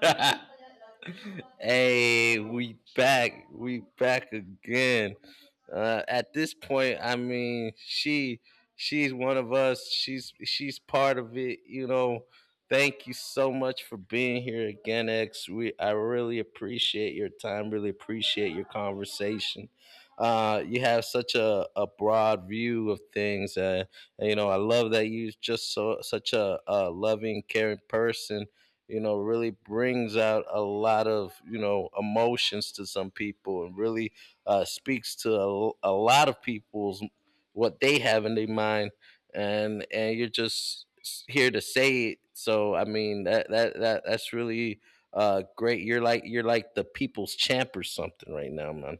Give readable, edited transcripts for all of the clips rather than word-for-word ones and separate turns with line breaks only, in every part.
Hey, we back. We back again. At this point, I mean, she's one of us. She's part of it. You know. Thank you so much for being here again, X. We I really appreciate your time. Really appreciate your conversation. You have such a broad view of things. And, you know, I love that you just so such a loving, caring person. You know, really brings out a lot of emotions to some people, and really speaks to a lot of people's what they have in their mind, and you're just here to say it. So I mean that's really great. You're like the people's champ or something right now, man.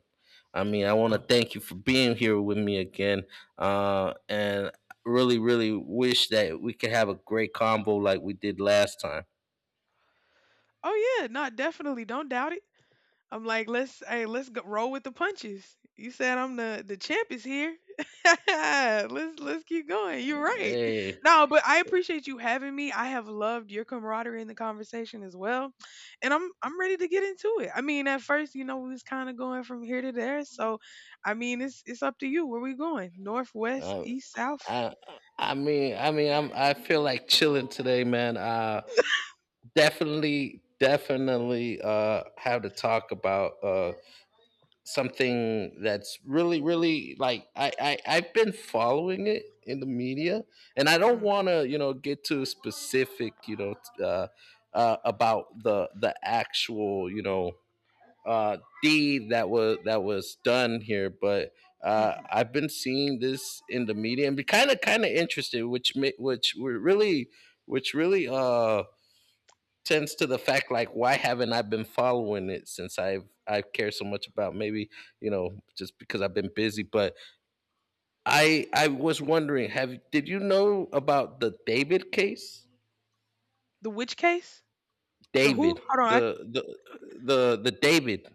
I mean, I want to thank you for being here with me again, and really, really wish that we could have a great combo like we did last time.
Oh yeah, no, definitely. Don't doubt it. I'm like, let's go, roll with the punches. You said I'm the champ is here. let's keep going. You're right.
Hey,
No, but I appreciate you having me. I have loved your camaraderie in the conversation as well, and I'm ready to get into it. I mean, at first, you know, we was kind of going from here to there, so I mean, it's up to you. Where we going? North, west,
I,
east, south.
I, I mean, I feel like chilling today, man. Definitely , have to talk about something that's really really like I've been following it in the media, and I don't want to get too specific. About the actual deed that was done here. But
Mm-hmm.
I've been seeing this in the media and be kind of interested, which ma- which were really which really sense to the fact, like, why haven't I been following it since I've cared so much about? Maybe just because I've been busy. But I was wondering, have did you know about the David case?
The which case? The who?
David.
Hold on,
The the the the David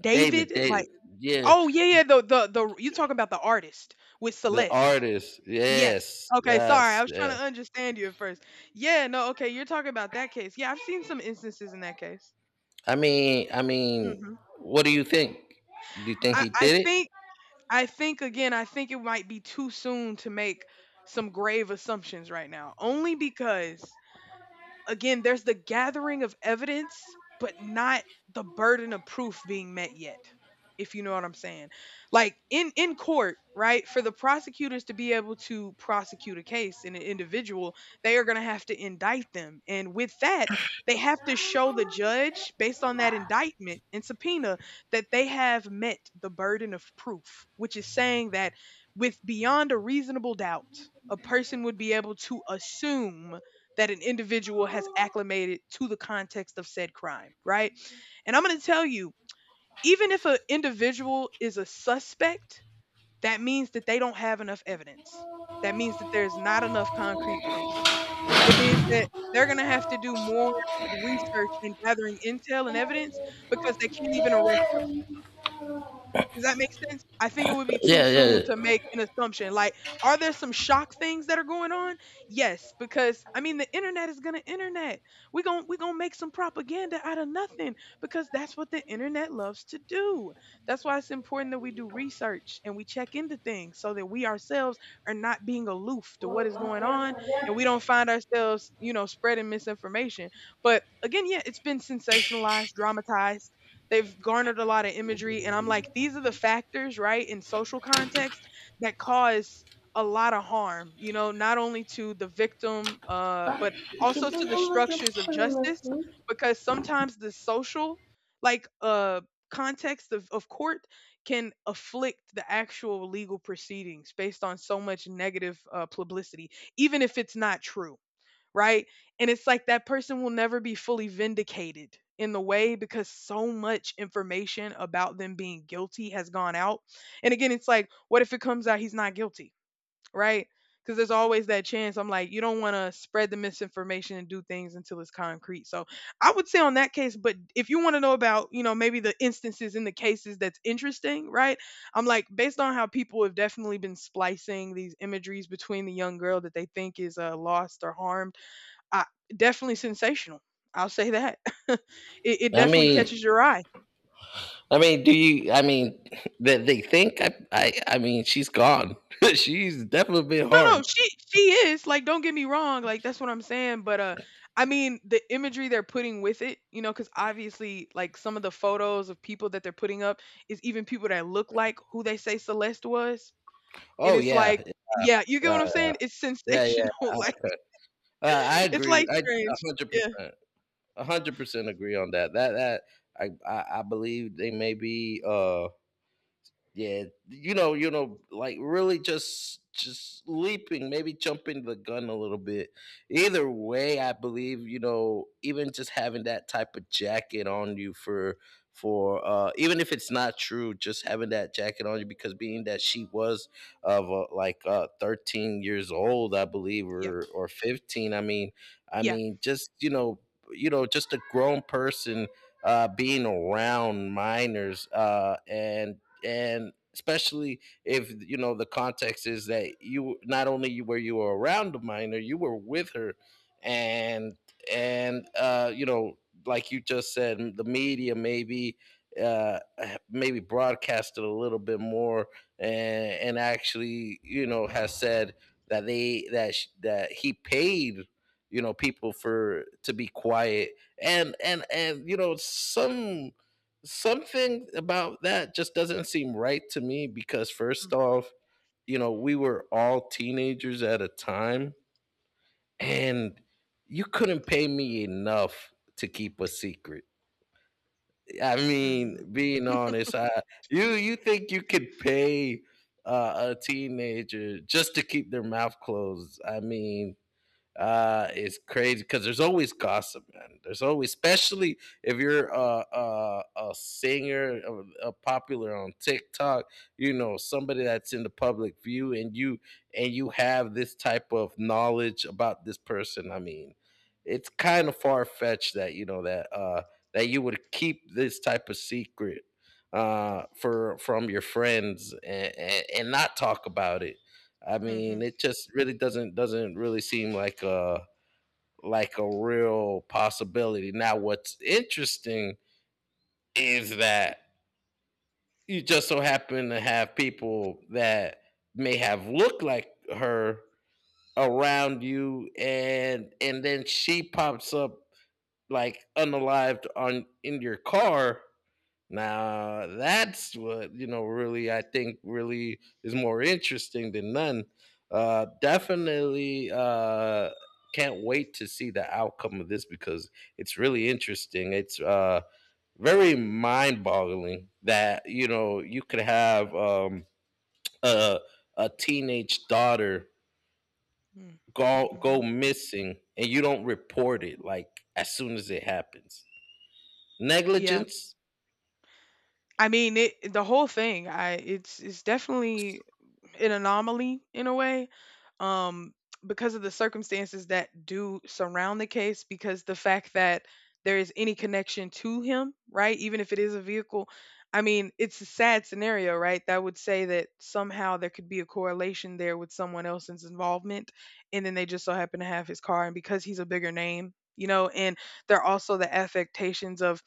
David.
David David
Like.
Yeah.
Oh yeah, yeah. The you talking about the artist with
The
Celeste?
artist,
Yes.
yes,
Okay, sorry. I
yes,
was trying
yeah.
to understand you at first. Yeah, no, okay. You're talking about that case. Yeah, I've seen some instances in that case.
I mean I mean
Hmm.
what do you think? Do you think
I
he
I
did it?
think. I think again. I think it might be too soon to make some grave assumptions right now, only because again, there's the gathering of evidence, but not the burden of proof being met yet. If you know what I'm saying. Like in court, right? For the prosecutors to be able to prosecute a case in an individual, they are going to have to indict them. And with that, they have to show the judge based on that indictment and subpoena that they have met the burden of proof, which is saying that with beyond a reasonable doubt, a person would be able to assume that an individual has acclimated to the context of said crime, right? And I'm going to tell you, even if an individual is a suspect, that means that they don't have enough evidence. That means that there's not enough concrete proof. It means that they're going to have to do more research and gathering intel and evidence because they can't even arrest them. Does that make sense? I think it would be too
Yeah, yeah,
soon to make
yeah.
an assumption. Like, are there some shock things that are going on? Yes, because I mean the internet is gonna internet. We gonna make some propaganda out of nothing because that's what the internet loves to do. That's why it's important that we do research and we check into things so that we ourselves are not being aloof to what is going on and we don't find ourselves, you know, spreading misinformation. But again, yeah, it's been sensationalized, dramatized. They've garnered a lot of imagery, and I'm like, these are the factors, right, in social context that cause a lot of harm, you know, not only to the victim, but also to the structures of justice, because sometimes the social, like, uh, context of court can afflict the actual legal proceedings based on so much negative publicity, even if it's not true, right? And it's like that person will never be fully vindicated in the way because so much information about them being guilty has gone out. And again, it's like, what if it comes out he's not guilty, right? Because there's always that chance. I'm like, you don't want to spread the misinformation and do things until it's concrete. So I would say on that case, but if you want to know about, you know, maybe the instances in the cases that's interesting, right? I'm like, based on how people have definitely been splicing these imageries between the young girl that they think is lost or harmed. I, definitely sensational. I'll say that. it, it
I
definitely
mean
catches your eye.
I mean, do you? I mean, that they think. I mean, she's gone. She's definitely been
No, no,
harmed.
she is like. Don't get me wrong. Like that's what I'm saying. But I mean the imagery they're putting with it, you know, because obviously like some of the photos of people that they're putting up is even people that look like who they say Celeste was, and
Oh
it's like,
yeah,
yeah, you get what I'm
uh,
saying? It's
yeah, yeah.
sensational.
Oh,
like
okay, I
it's
agree.
like
I a
strange.
hundred
Yeah.
percent, 100% agree on that. I believe they may be. Yeah, you know, like really just leaping, maybe jumping the gun a little bit. Either way, I believe, even just having that type of jacket on you for even if it's not true, just having that jacket on you because being that she was of like 13 years old, I believe,
Yep.
or 15, I
Yeah.
mean, just, just a grown person being around minors, and especially if you know the context is that you not only were you around the minor, you were with her, and and you know, like you just said, the media maybe uh maybe broadcasted a little bit more. And and actually, has said that that he paid people for to be quiet, and something about that just doesn't seem right to me. Because first
Mm.
off, we were all teenagers at a time, and you couldn't pay me enough to keep a secret. I mean,
Mm-hmm.
being honest, you think you could pay a teenager just to keep their mouth closed? I mean, is crazy because there's always gossip, man. There's always, especially if you're a singer, a popular on tiktok, somebody that's in the public view, and you have this type of knowledge about this person. I mean, it's kind of far-fetched that that you would keep this type of secret for from your friends, and not talk about it. I mean,
Mm-hmm.
it just really doesn't really seem like a real possibility. Now, what's interesting is that you just so happen to have people that may have looked like her around you, and then she pops up like unalived on in your car. Now that's what you know. Really, I think, really is more interesting than none. Definitely, can't wait to see the outcome of this because it's really interesting. It's very mind-boggling that you could have a a teenage daughter
Mm-hmm.
go
Mm-hmm.
go missing and you don't report it like as soon as it happens.
Yeah.
Negligence.
I mean, it the whole thing. I it's definitely an anomaly in a way, um, because of the circumstances that do surround the case. Because the fact that there is any connection to him, right? Even if it is a vehicle, I mean, it's a sad scenario, right? That would say that somehow there could be a correlation there with someone else's involvement, and then they just so happen to have his car, and because he's a bigger name, you know, and there are also the affectations of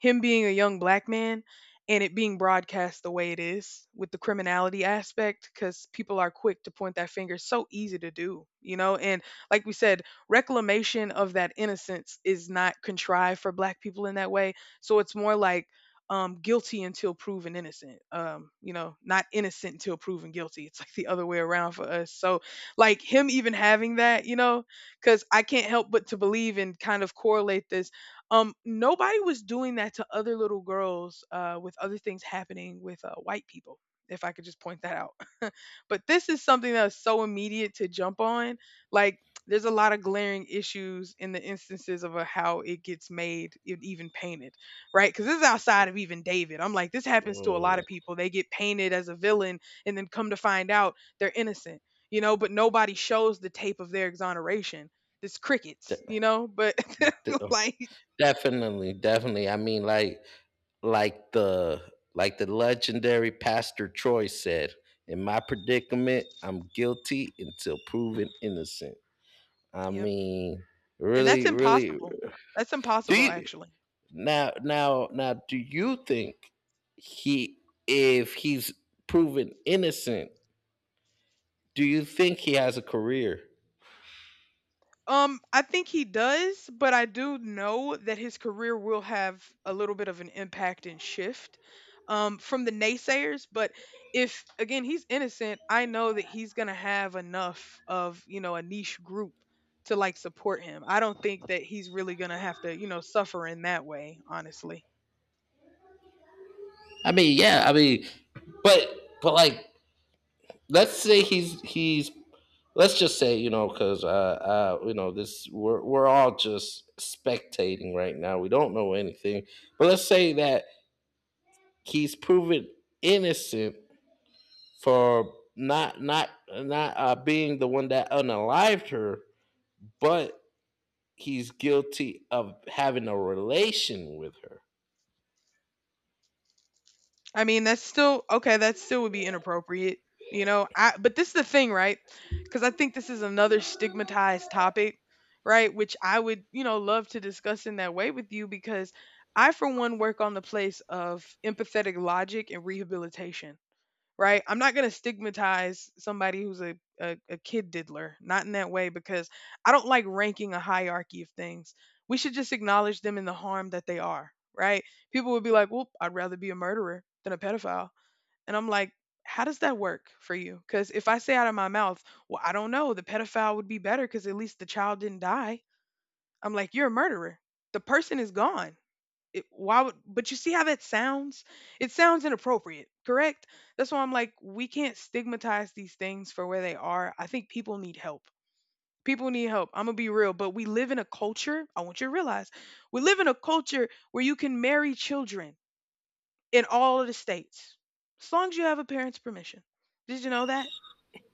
him being a young black man and it being broadcast the way it is with the criminality aspect because people are quick to point that finger so easy to do, you know. And like we said, reclamation of that innocence is not contrived for black people in that way, so it's more like, guilty until proven innocent, you know, not innocent until proven guilty. It's like the other way around for us. So like him even having that, you know, because I can't help but to believe and kind of correlate this. Nobody was doing that to other little girls with other things happening with white people. If I could just point that out. but this is something that's so immediate to jump on. Like, there's a lot of glaring issues in the instances of how it gets made, it even painted, right? Because this is outside of even David. I'm like, this happens to a lot
Oh,
of people. They get painted as a villain and then come to find out they're innocent, you know, but nobody shows the tape of their exoneration. This crickets, you
th-
know, but
th-
like.
Definitely, definitely. I mean, like, like the like the legendary Pastor Troy said, "In my predicament, I'm guilty until proven innocent." I
Yep,
mean,
and that's
really, really.
impossible. That's
Do
impossible,
you
actually.
Now, Do you think he, if he's proven innocent, do you think he has a career?
I think he does, but I do know that his career will have a little bit of an impact and shift from the naysayers. But if, again, he's innocent, I know that he's going to have enough of, you know, a niche group to like support him. I don't think that he's really going to have to, you know, suffer in that way, honestly.
I mean, yeah. I mean, but but like, let's say he's let's just say, you know, because you know this we're all just spectating right now. We don't know anything. But let's say that he's proven innocent for not being the one that unalived her, but he's guilty of having a relation with her.
I mean, that's still okay, that still would be inappropriate, you know? I but this is the thing, right? Because I think this is another stigmatized topic, right? Which I would, you know, love to discuss in that way with you because I, for one, work on the place of empathetic logic and rehabilitation, right? I'm not going to stigmatize somebody who's a kid diddler, not in that way, because I don't like ranking a hierarchy of things. We should just acknowledge them in the harm that they are, right? People would be like, well, I'd rather be a murderer than a pedophile. And I'm like, how does that work for you? Because if I say out of my mouth, well, I don't know, the pedophile would be better because at least the child didn't die, I'm like, you're a murderer. The person is gone, it, why would but you see how that sounds? It sounds inappropriate, correct? That's why I'm like we can't stigmatize these things for where they are. I think people need help. People need help. I'm going to be real, but we live in a culture, I want you to realize, we live in a culture where you can marry children in all of the states as long as you have a parent's permission. Did you know that?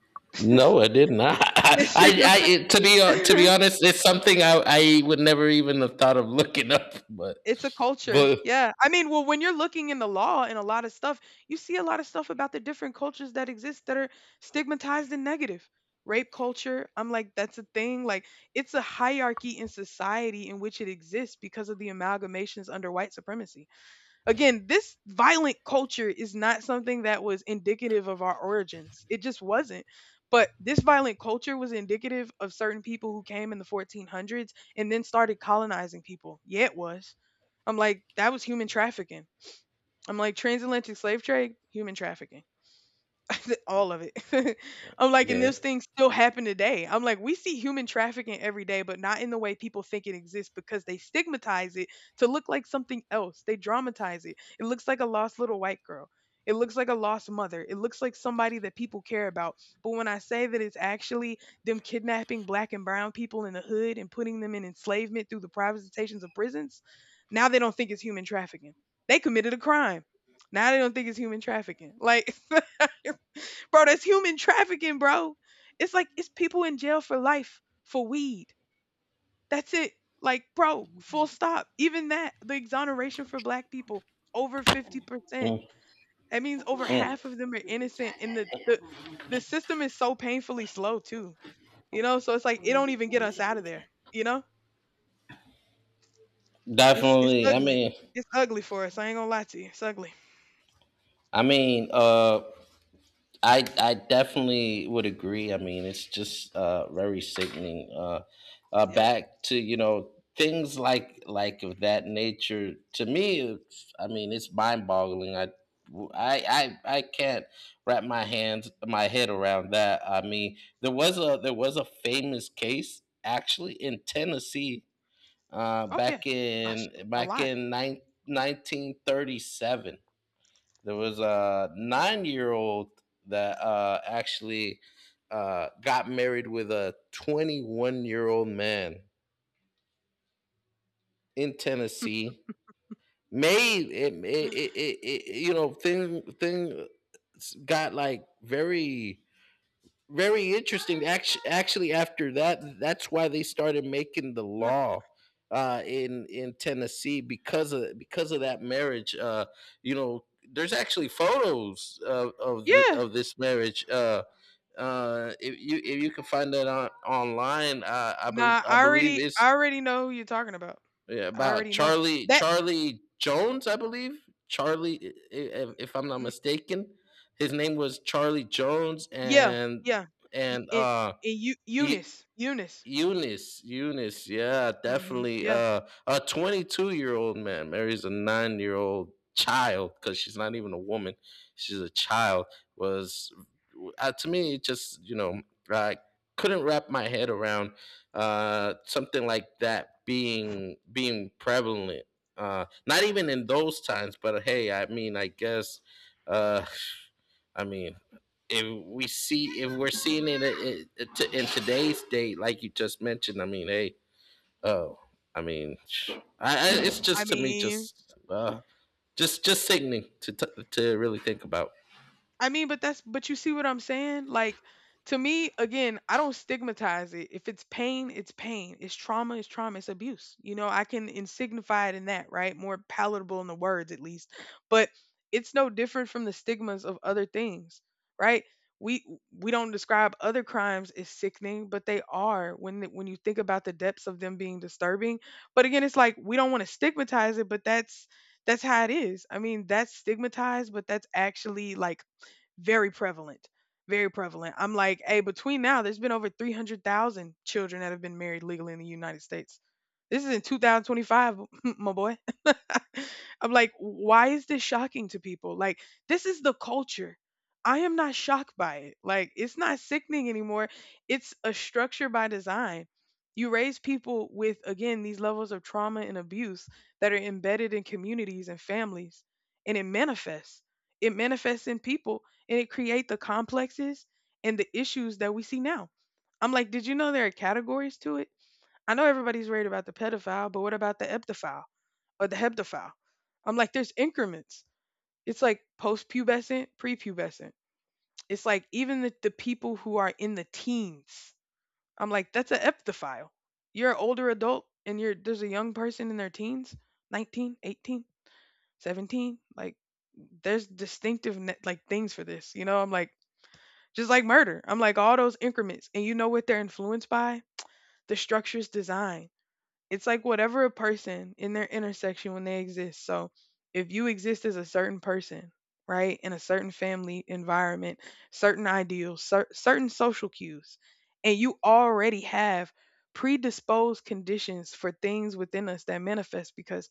Did
No, I did not.
you
I it, to
know?
be honest, it's something i would never even have thought of looking up,
It's a culture.
but
Yeah. I mean, well, when you're looking in the law and a lot of stuff, you see a lot of stuff about the different cultures that exist that are stigmatized and negative. Rape culture, I'm like, that's a thing. Like, it's a hierarchy in society in which it exists because of the amalgamations under white supremacy. Again, this violent culture is not something that was indicative of our origins. It just wasn't. But this violent culture was indicative of certain people who came in the 1400s and then started colonizing people. Yeah, it was. I'm like, that was human trafficking. I'm like, transatlantic slave trade, human trafficking. all of it. I'm like, and
yeah.
those things still happen today. I'm like, we see human trafficking every day, but not in the way people think it exists because they stigmatize it to look like something else. They dramatize it. It looks like a lost little white girl. It looks like a lost mother. It looks like somebody that people care about. But when I say that it's actually them kidnapping black and brown people in the hood and putting them in enslavement through the privatizations of prisons, now they don't think it's human trafficking. They committed a crime. Now they don't think it's human trafficking. Like bro, that's human trafficking, bro. It's like it's people in jail for life for weed. That's it. Like, bro, full stop. Even that, the exoneration for black people, over 50%.
Mm,
That means over
mm.
half of them are innocent and the system is so painfully slow too. You know, so it's like it don't even get us out of there, you know? It's
Definitely. I
ugly.
mean,
It's ugly for us. I ain't gonna lie to you. It's ugly.
I mean, I definitely would agree. I mean, it's just very sickening.
Yep.
Back to things of that nature. To me, I mean, it's mind boggling. I can't wrap my head around that. I mean, there was a famous case actually in Tennessee,
Oh yeah.
back
Gosh,
in
a lot.
1937. There was a 9-year-old that actually, got married with a 21-year-old man in Tennessee. Made it, it, it, it, it thing got like very very interesting. Actually, after that, that's why they started making the
No-
law, in Tennessee because of that marriage. There's actually photos
Yeah.
of this marriage. If you can find that on online,
Nah,
I believe it's,
I already know who you're talking about.
yeah,
I
about
already know
Charlie
that.
Charlie Jones, I believe. If I'm not
Mm,
mistaken, his name was Charlie Jones,
yeah, yeah. Y-
and
In Eu
E-
Eunice, Eunice.
Eunice, Eunice, yeah,
Hmm.
definitely.
Yeah.
A 22 year old man marries a 9-year-old child because she's not even a woman; she's a child. Was To me, it just, you know, I couldn't wrap my head around something like that being prevalent. Not even in those times, but hey, I mean, I guess uh, I mean, if we're seeing it in today's date, like you just mentioned, I mean, hey, oh, I mean, it's
I
just, to me,
mean,
just just sickening to really think about.
I mean, but you see what I'm saying? Like to me, again, I don't stigmatize it. If it's pain, it's pain. It's trauma, it's trauma, it's abuse. You know, I can insignify it in that, right? More palatable in the words at least. But it's no different from the stigmas of other things, right? We we don't describe other crimes as sickening, but they are when when you think about the depths of them being disturbing. But again, it's like we don't want to stigmatize it, but that's how it is. I mean, that's stigmatized, but that's actually like very prevalent very prevalent. I'm like, hey, between now there's been over 300,000 children that have been married legally in the United States. This is in 2025. My boy. I'm like, why is this shocking to people? Like this is the culture. I am not shocked by it. Like it's not sickening anymore. It's a structure by design. You raise people with again these levels of trauma and abuse that are embedded in communities and families, and it manifests. It manifests in people, and it create the complexes and the issues that we see now. I'm like, did you know there are categories to it? I know everybody's worried about the pedophile, but what about the eptophile or the heptophile? I'm like, there's increments. It's like post-pubescent, prepubescent. It's like even the people who are in the teens. I'm like, that's an eptophile. You're an older adult and you're there's a young person in their teens, 19, 18, 17. Like, there's distinctive like things for this. You know, I'm like, just like murder. I'm like all those increments. And you know what they're influenced by? The structure's design. It's like whatever a person in their intersection when they exist. So if you exist as a certain person, right, in a certain family environment, certain ideals, certain social cues, and you already have predisposed conditions for things within us that manifest because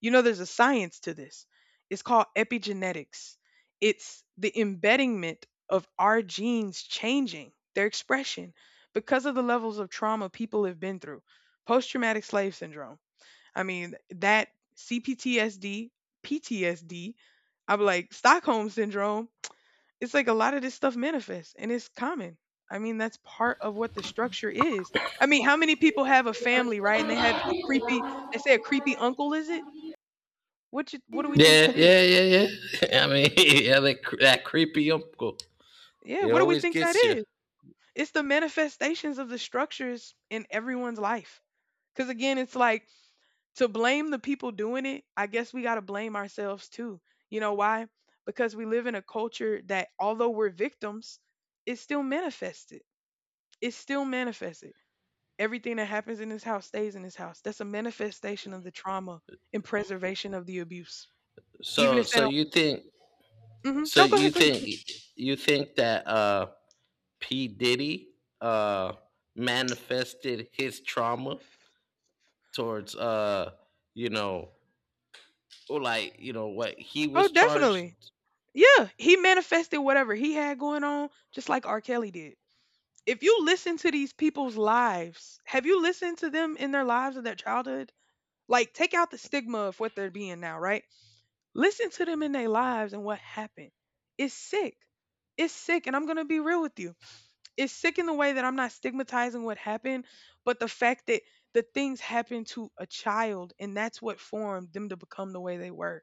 you know there's a science to this. It's called epigenetics. It's the embeddingment of our genes changing their expression because of the levels of trauma people have been through. Post traumatic slave syndrome. I mean, that CPTSD, PTSD, I'm like, Stockholm syndrome. It's like a lot of this stuff manifests and it's common. I mean, that's part of what the structure is. I mean, how many people have a family, right? And they have a creepy, they say a creepy uncle, is it? What, you, what do we think
Yeah,
that is?
yeah, yeah, yeah. I mean, yeah, that creepy uncle,
Yeah,
it
what do we
always
think that
gets you.
is? It's the manifestations of the structures in everyone's life. Because again, it's like to blame the people doing it, I guess we got to blame ourselves too. You know why? Because we live in a culture that, although we're victims, it's still manifested. It's still manifested. Everything that happens in this house stays in this house. That's a manifestation of the trauma and preservation of the abuse. Even
So,
if they
so
don't,
you think, so
no, go
you
ahead, go
think,
ahead.
you think that P Diddy uh manifested his trauma towards you know or, like, you know what he
Oh,
was charged?
definitely. Yeah, he manifested whatever he had going on, just like R. Kelly did. If you listen to these people's lives, have you listened to them in their lives of their childhood? Like, take out the stigma of what they're being now, right? Listen to them in their lives and what happened. It's sick. It's sick. And I'm going to be real with you. It's sick in the way that I'm not stigmatizing what happened, but the fact that the things happened to a child and that's what formed them to become the way they were.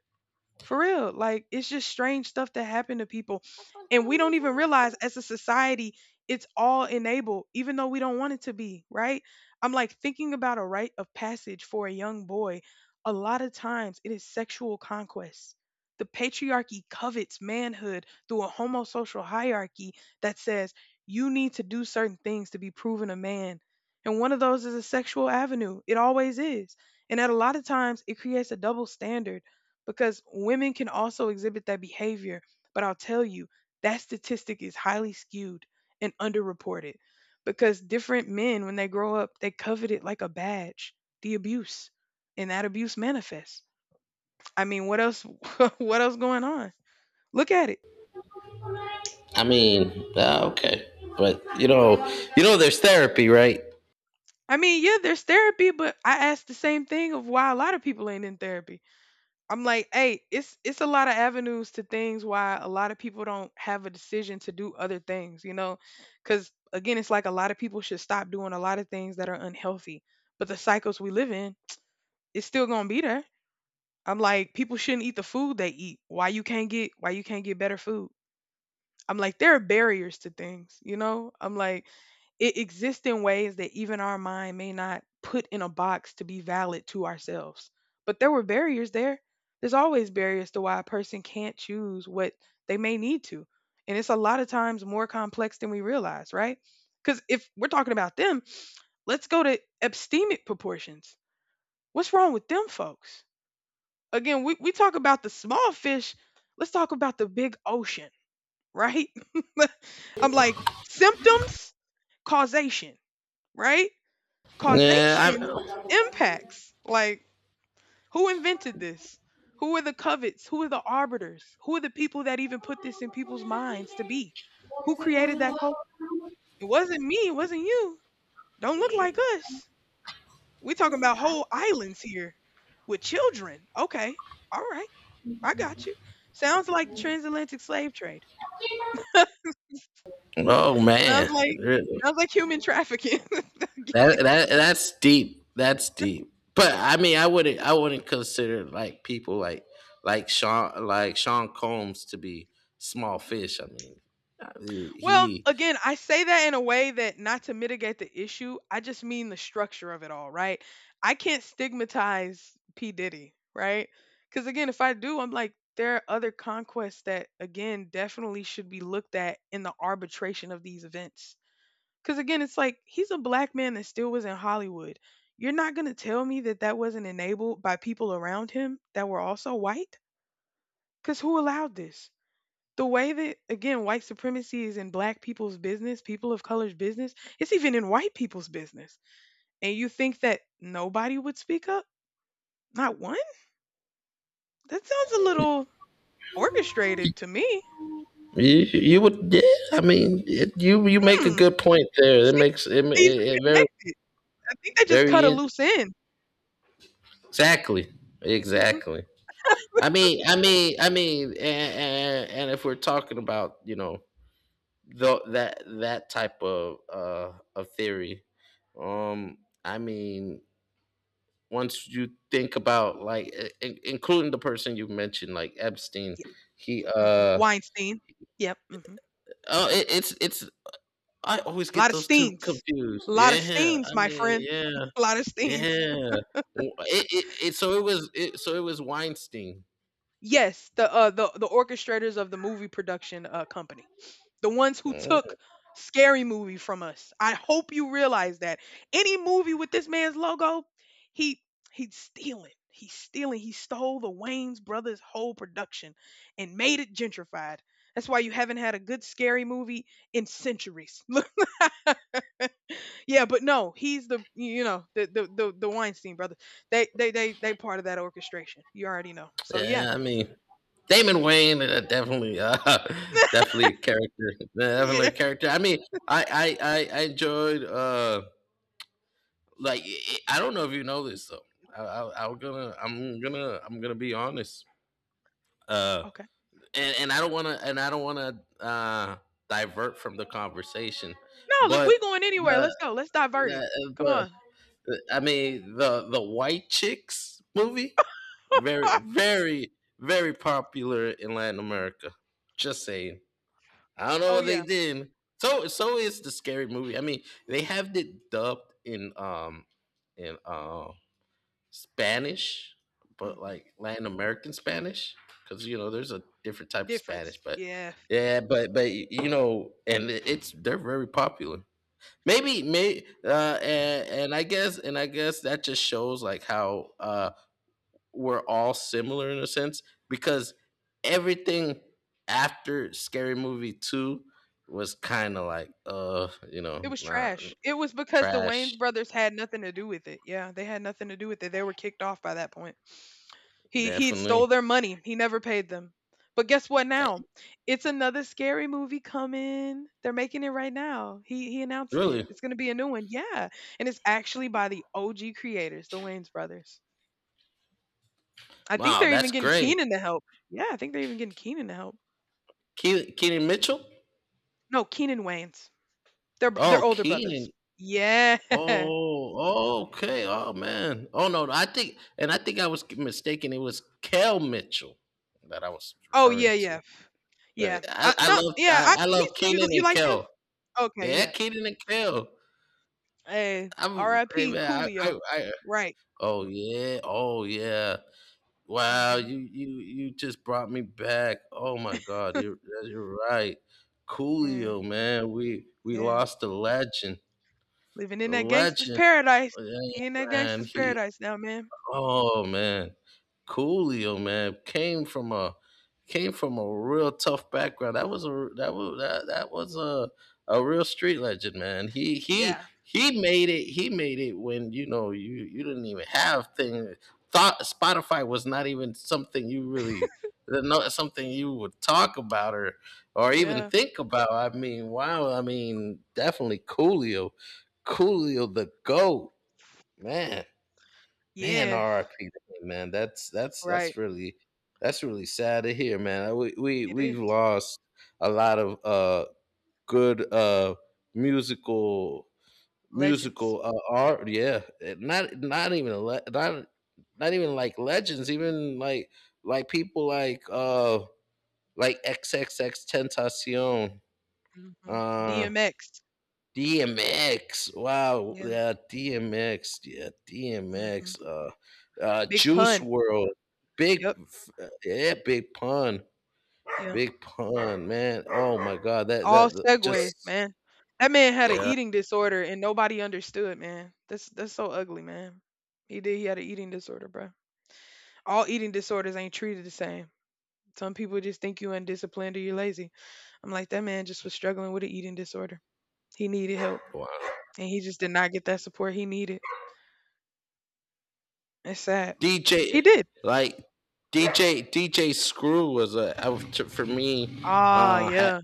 For real. Like it's just strange stuff that happened to people. And we don't even realize as a society it's all enabled, even though we don't want it to be, right? I'm like thinking about a rite of passage for a young boy. A lot of times it is sexual conquest. The patriarchy covets manhood through a homosocial hierarchy that says you need to do certain things to be proven a man. And one of those is a sexual avenue. It always is. And at a lot of times it creates a double standard because women can also exhibit that behavior. But I'll tell you, that statistic is highly skewed and underreported because different men, when they grow up, they covet it like a badge, the abuse, and that abuse manifests. I mean, what else? What else going on? Look at it.
I mean, okay, but, there's therapy, right?
I mean, yeah, there's therapy, but I asked the same thing of why a lot of people ain't in therapy. I'm like, hey, it's a lot of avenues to things why a lot of people don't have a decision to do other things, you know? Cuz again, it's like a lot of people should stop doing a lot of things that are unhealthy. But the cycles we live in, it's still going to be there. I'm like, people shouldn't eat the food they eat. Why you can't get better food? I'm like, there are barriers to things, you know? I'm like, it exists in ways that even our mind may not put in a box to be valid to ourselves. But there were barriers there. There's always barriers to why a person can't choose what they may need to. And it's a lot of times more complex than we realize, right? Because if we're talking about them, let's go to abstemic proportions. What's wrong with them folks? Again, we talk about the small fish. Let's talk about the big ocean, right? I'm like, symptoms, causation, right?
Yeah.
Causation impacts. Like, who invented this? Who are the covets? Who are the arbiters? Who are the people that even put this in people's minds to be? Who created that culture? It wasn't me. It wasn't you. Don't look like us. We're talking about whole islands here with children. Okay. All right. I got you. Sounds like the transatlantic slave trade.
Oh
Sounds
man.
like
Really?
sounds like human trafficking.
That's deep. That's deep. But I mean, I wouldn't consider, like, people like like Sean Combs to be small fish. I mean, I-
Well,
he
again, I say that in a way that not to mitigate the issue, I just mean the structure of it all, right? I can't stigmatize P. Diddy, right? Because again, if I do, I'm like, there are other conquests that, again, definitely should be looked at in the arbitration of these events. Because again, it's like he's a black man that still was in Hollywood. You're not going to tell me that that wasn't enabled by people around him that were also white? Because who allowed this? The way that again white supremacy is in black people's business, people of color's business, it's even in white people's business. And you think that nobody would speak up, not one? That sounds a little orchestrated to me.
you, you would, yeah. I mean, you make a
hmm
good point there. It makes
Seems
it, it,
these are
it very.
connected. I think they just cut a
Very in-
loose end.
exactly,
Hmm.
exactly. I mean, and, if we're talking about, that type of theory, um, I mean, once you think about, including the person you mentioned, like Epstein,
Yeah.
he uh
Weinstein. Yep. Hmm.
oh, it's I always
A
get
lot of
those two
steens.
confused.
A lot of
Yeah,
steens,
I
my
mean,
friend.
yeah,
A lot of steens.
yeah. It so it was Weinstein.
Yes, the orchestrators of the movie production company. The ones who
Mm-hmm.
took Scary Movie from us. I hope you realize that any movie with this man's logo, he he's stealing. He's stealing. He stole the Wayne's brothers whole production and made it gentrified. That's why you haven't had a good scary movie in centuries. Look, yeah, but no, he's the you know the Weinstein brothers. They part of that orchestration. You already know. So yeah,
Yeah, I mean, Damon Wayne, definitely, definitely a character, definitely
yeah.
a character. I mean, I enjoyed, like, I don't know if you know this though. I'm gonna be honest. Uh,
Okay.
and I don't wanna, divert from the conversation,
No, look, we
but
going anywhere.
the,
Let's go. Let's divert it. Come
the
on.
I mean, the White Chicks movie, very very very popular in Latin America. Just saying. I don't know
Oh
what they
yeah.
did. So is the scary movie. I mean, they have it dubbed in in uh Spanish, but
hmm
like Latin American Spanish, cuz there's a different type of Spanish.
Difference.
But
Yeah.
yeah, but you know, and it's they're very popular, maybe may and I guess that just shows like how we're all similar in a sense because everything after scary movie 2 was kind of like, you
It
know,
was
not
trash. It was because the Wayne's
trash.
brothers had nothing to do with it. Yeah, they had nothing to do with it. They were kicked off by that point. He stole
Definitely.
their money. He never paid them. But guess what now?
Dang,
It's another scary movie coming. They're making it right now. He announced it.
really.
It's going to be a new one. Yeah. And it's actually by the OG creators, the Wayne's brothers. I think
Wow,
they're even
that's
getting
great.
Keenan to help. Yeah, I think they're even getting Keenan to help.
Keenan Mitchell.
No, Keenan Wayans. They're b
Oh,
they're older
Keenan.
brothers. Yeah.
Oh, okay. Oh man. Oh no, I think, and I think I was mistaken. It was Kel Mitchell that I was
Oh, yeah,
referring
yeah.
to.
Yeah.
Right.
I no, yeah, I
I
he's
love
you
Keenan
you
and
like him?
Kel.
Okay,
Yeah,
yeah.
Keenan and Kel.
Hey,
Hey
RIP
man.
Coolio. Right.
Oh yeah, oh yeah. Wow,
Mhm.
you just brought me back. Oh my God, you're right.
Yeah,
Coolio, man. We
yeah.
lost a legend.
Living in
A
that gangster's
legend.
paradise.
Yeah,
He in that
man.
gangster's paradise now, man.
Oh man, Coolio man came from a real tough background. That was a that was that, that was a real street legend, man. He he
Yeah,
he made it. He made it when, you know, you didn't even have thing. Thought Spotify was not even something, you really not something you would talk about, or even
yeah,
think about. I mean, wow. I mean, definitely Coolio. Coolio the goat, man. Man,
yeah.
RIP to him, man. That's that's
Right.
that's really that's really sad to hear, man.
It
We've
is.
lost a lot of good musical
Legends.
musical art. Yeah, not even a le- not not even like legends, even like people like XXX Tentacion.
Mhm.
Uh,
DMX.
DMX. Wow.
Yeah.
Yeah, DMX. Yeah,
Mhm.
DMX.
Big
Juice
Pun.
World.
Yep.
Yeah,
Yep.
big pun, man. Oh my God,
All
that
segues,
just,
man. That man had an
yeah.
eating disorder and nobody understood, man. That's so ugly, man. He did. He had an eating disorder, bro. All eating disorders ain't treated the same. Some people just think you undisciplined or you're lazy. I'm like, that man just was struggling with an eating disorder. He needed help,
Wow.
and he just did not get that support he needed. It's sad. He
DJ,
did.
like D J, D J Screw was a I was- to- for me,
Ah, yeah.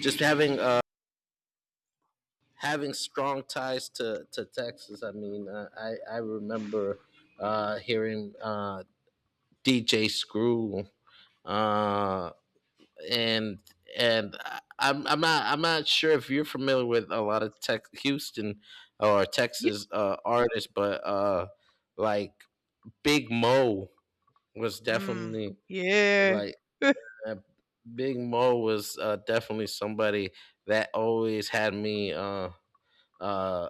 just having having strong ties to Texas. I mean, I remember hearing DJ Screw uh, and and I'm not sure if you're familiar with a lot of Tex Houston or
Yeah.
Texas artists, but like Big Mo was
Mm,
definitely
yeah.
like uh, Big Mo was definitely somebody that always had me, uh,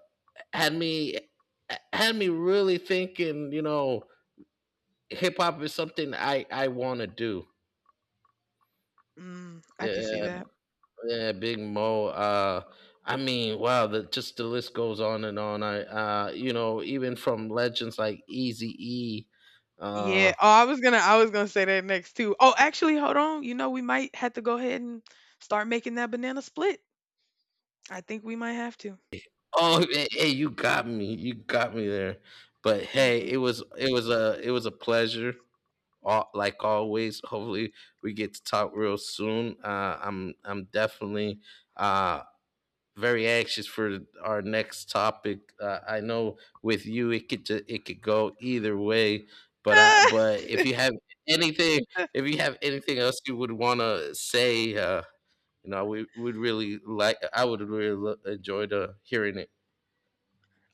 had me had me really thinking, hip hop is something I want to do.
Mm, I can see
Yeah.
that.
Yeah, Big Mo. I mean, wow, the list goes on and on. Even from legends like Easy E. Uh,
Yeah. Oh, I was gonna say that next too. Oh, actually, hold on. You know, we might have to go ahead and start making that banana split. I think we might have to.
oh, hey, you got me there. But hey,
Hmm.
it was a pleasure. All, like Always, hopefully we get to talk real soon. I'm definitely uh very anxious for our next topic. I know with you it could go either way, but if you have anything anything else you would want to say, we would really like I would really enjoy to hearing it.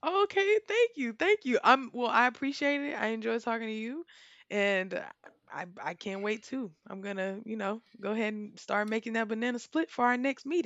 Okay. Thank you. Thank you. I'm well. I appreciate it. I enjoy talking to you, and I can't wait too. I'm gonna you know go ahead and start making that banana split for our next meeting.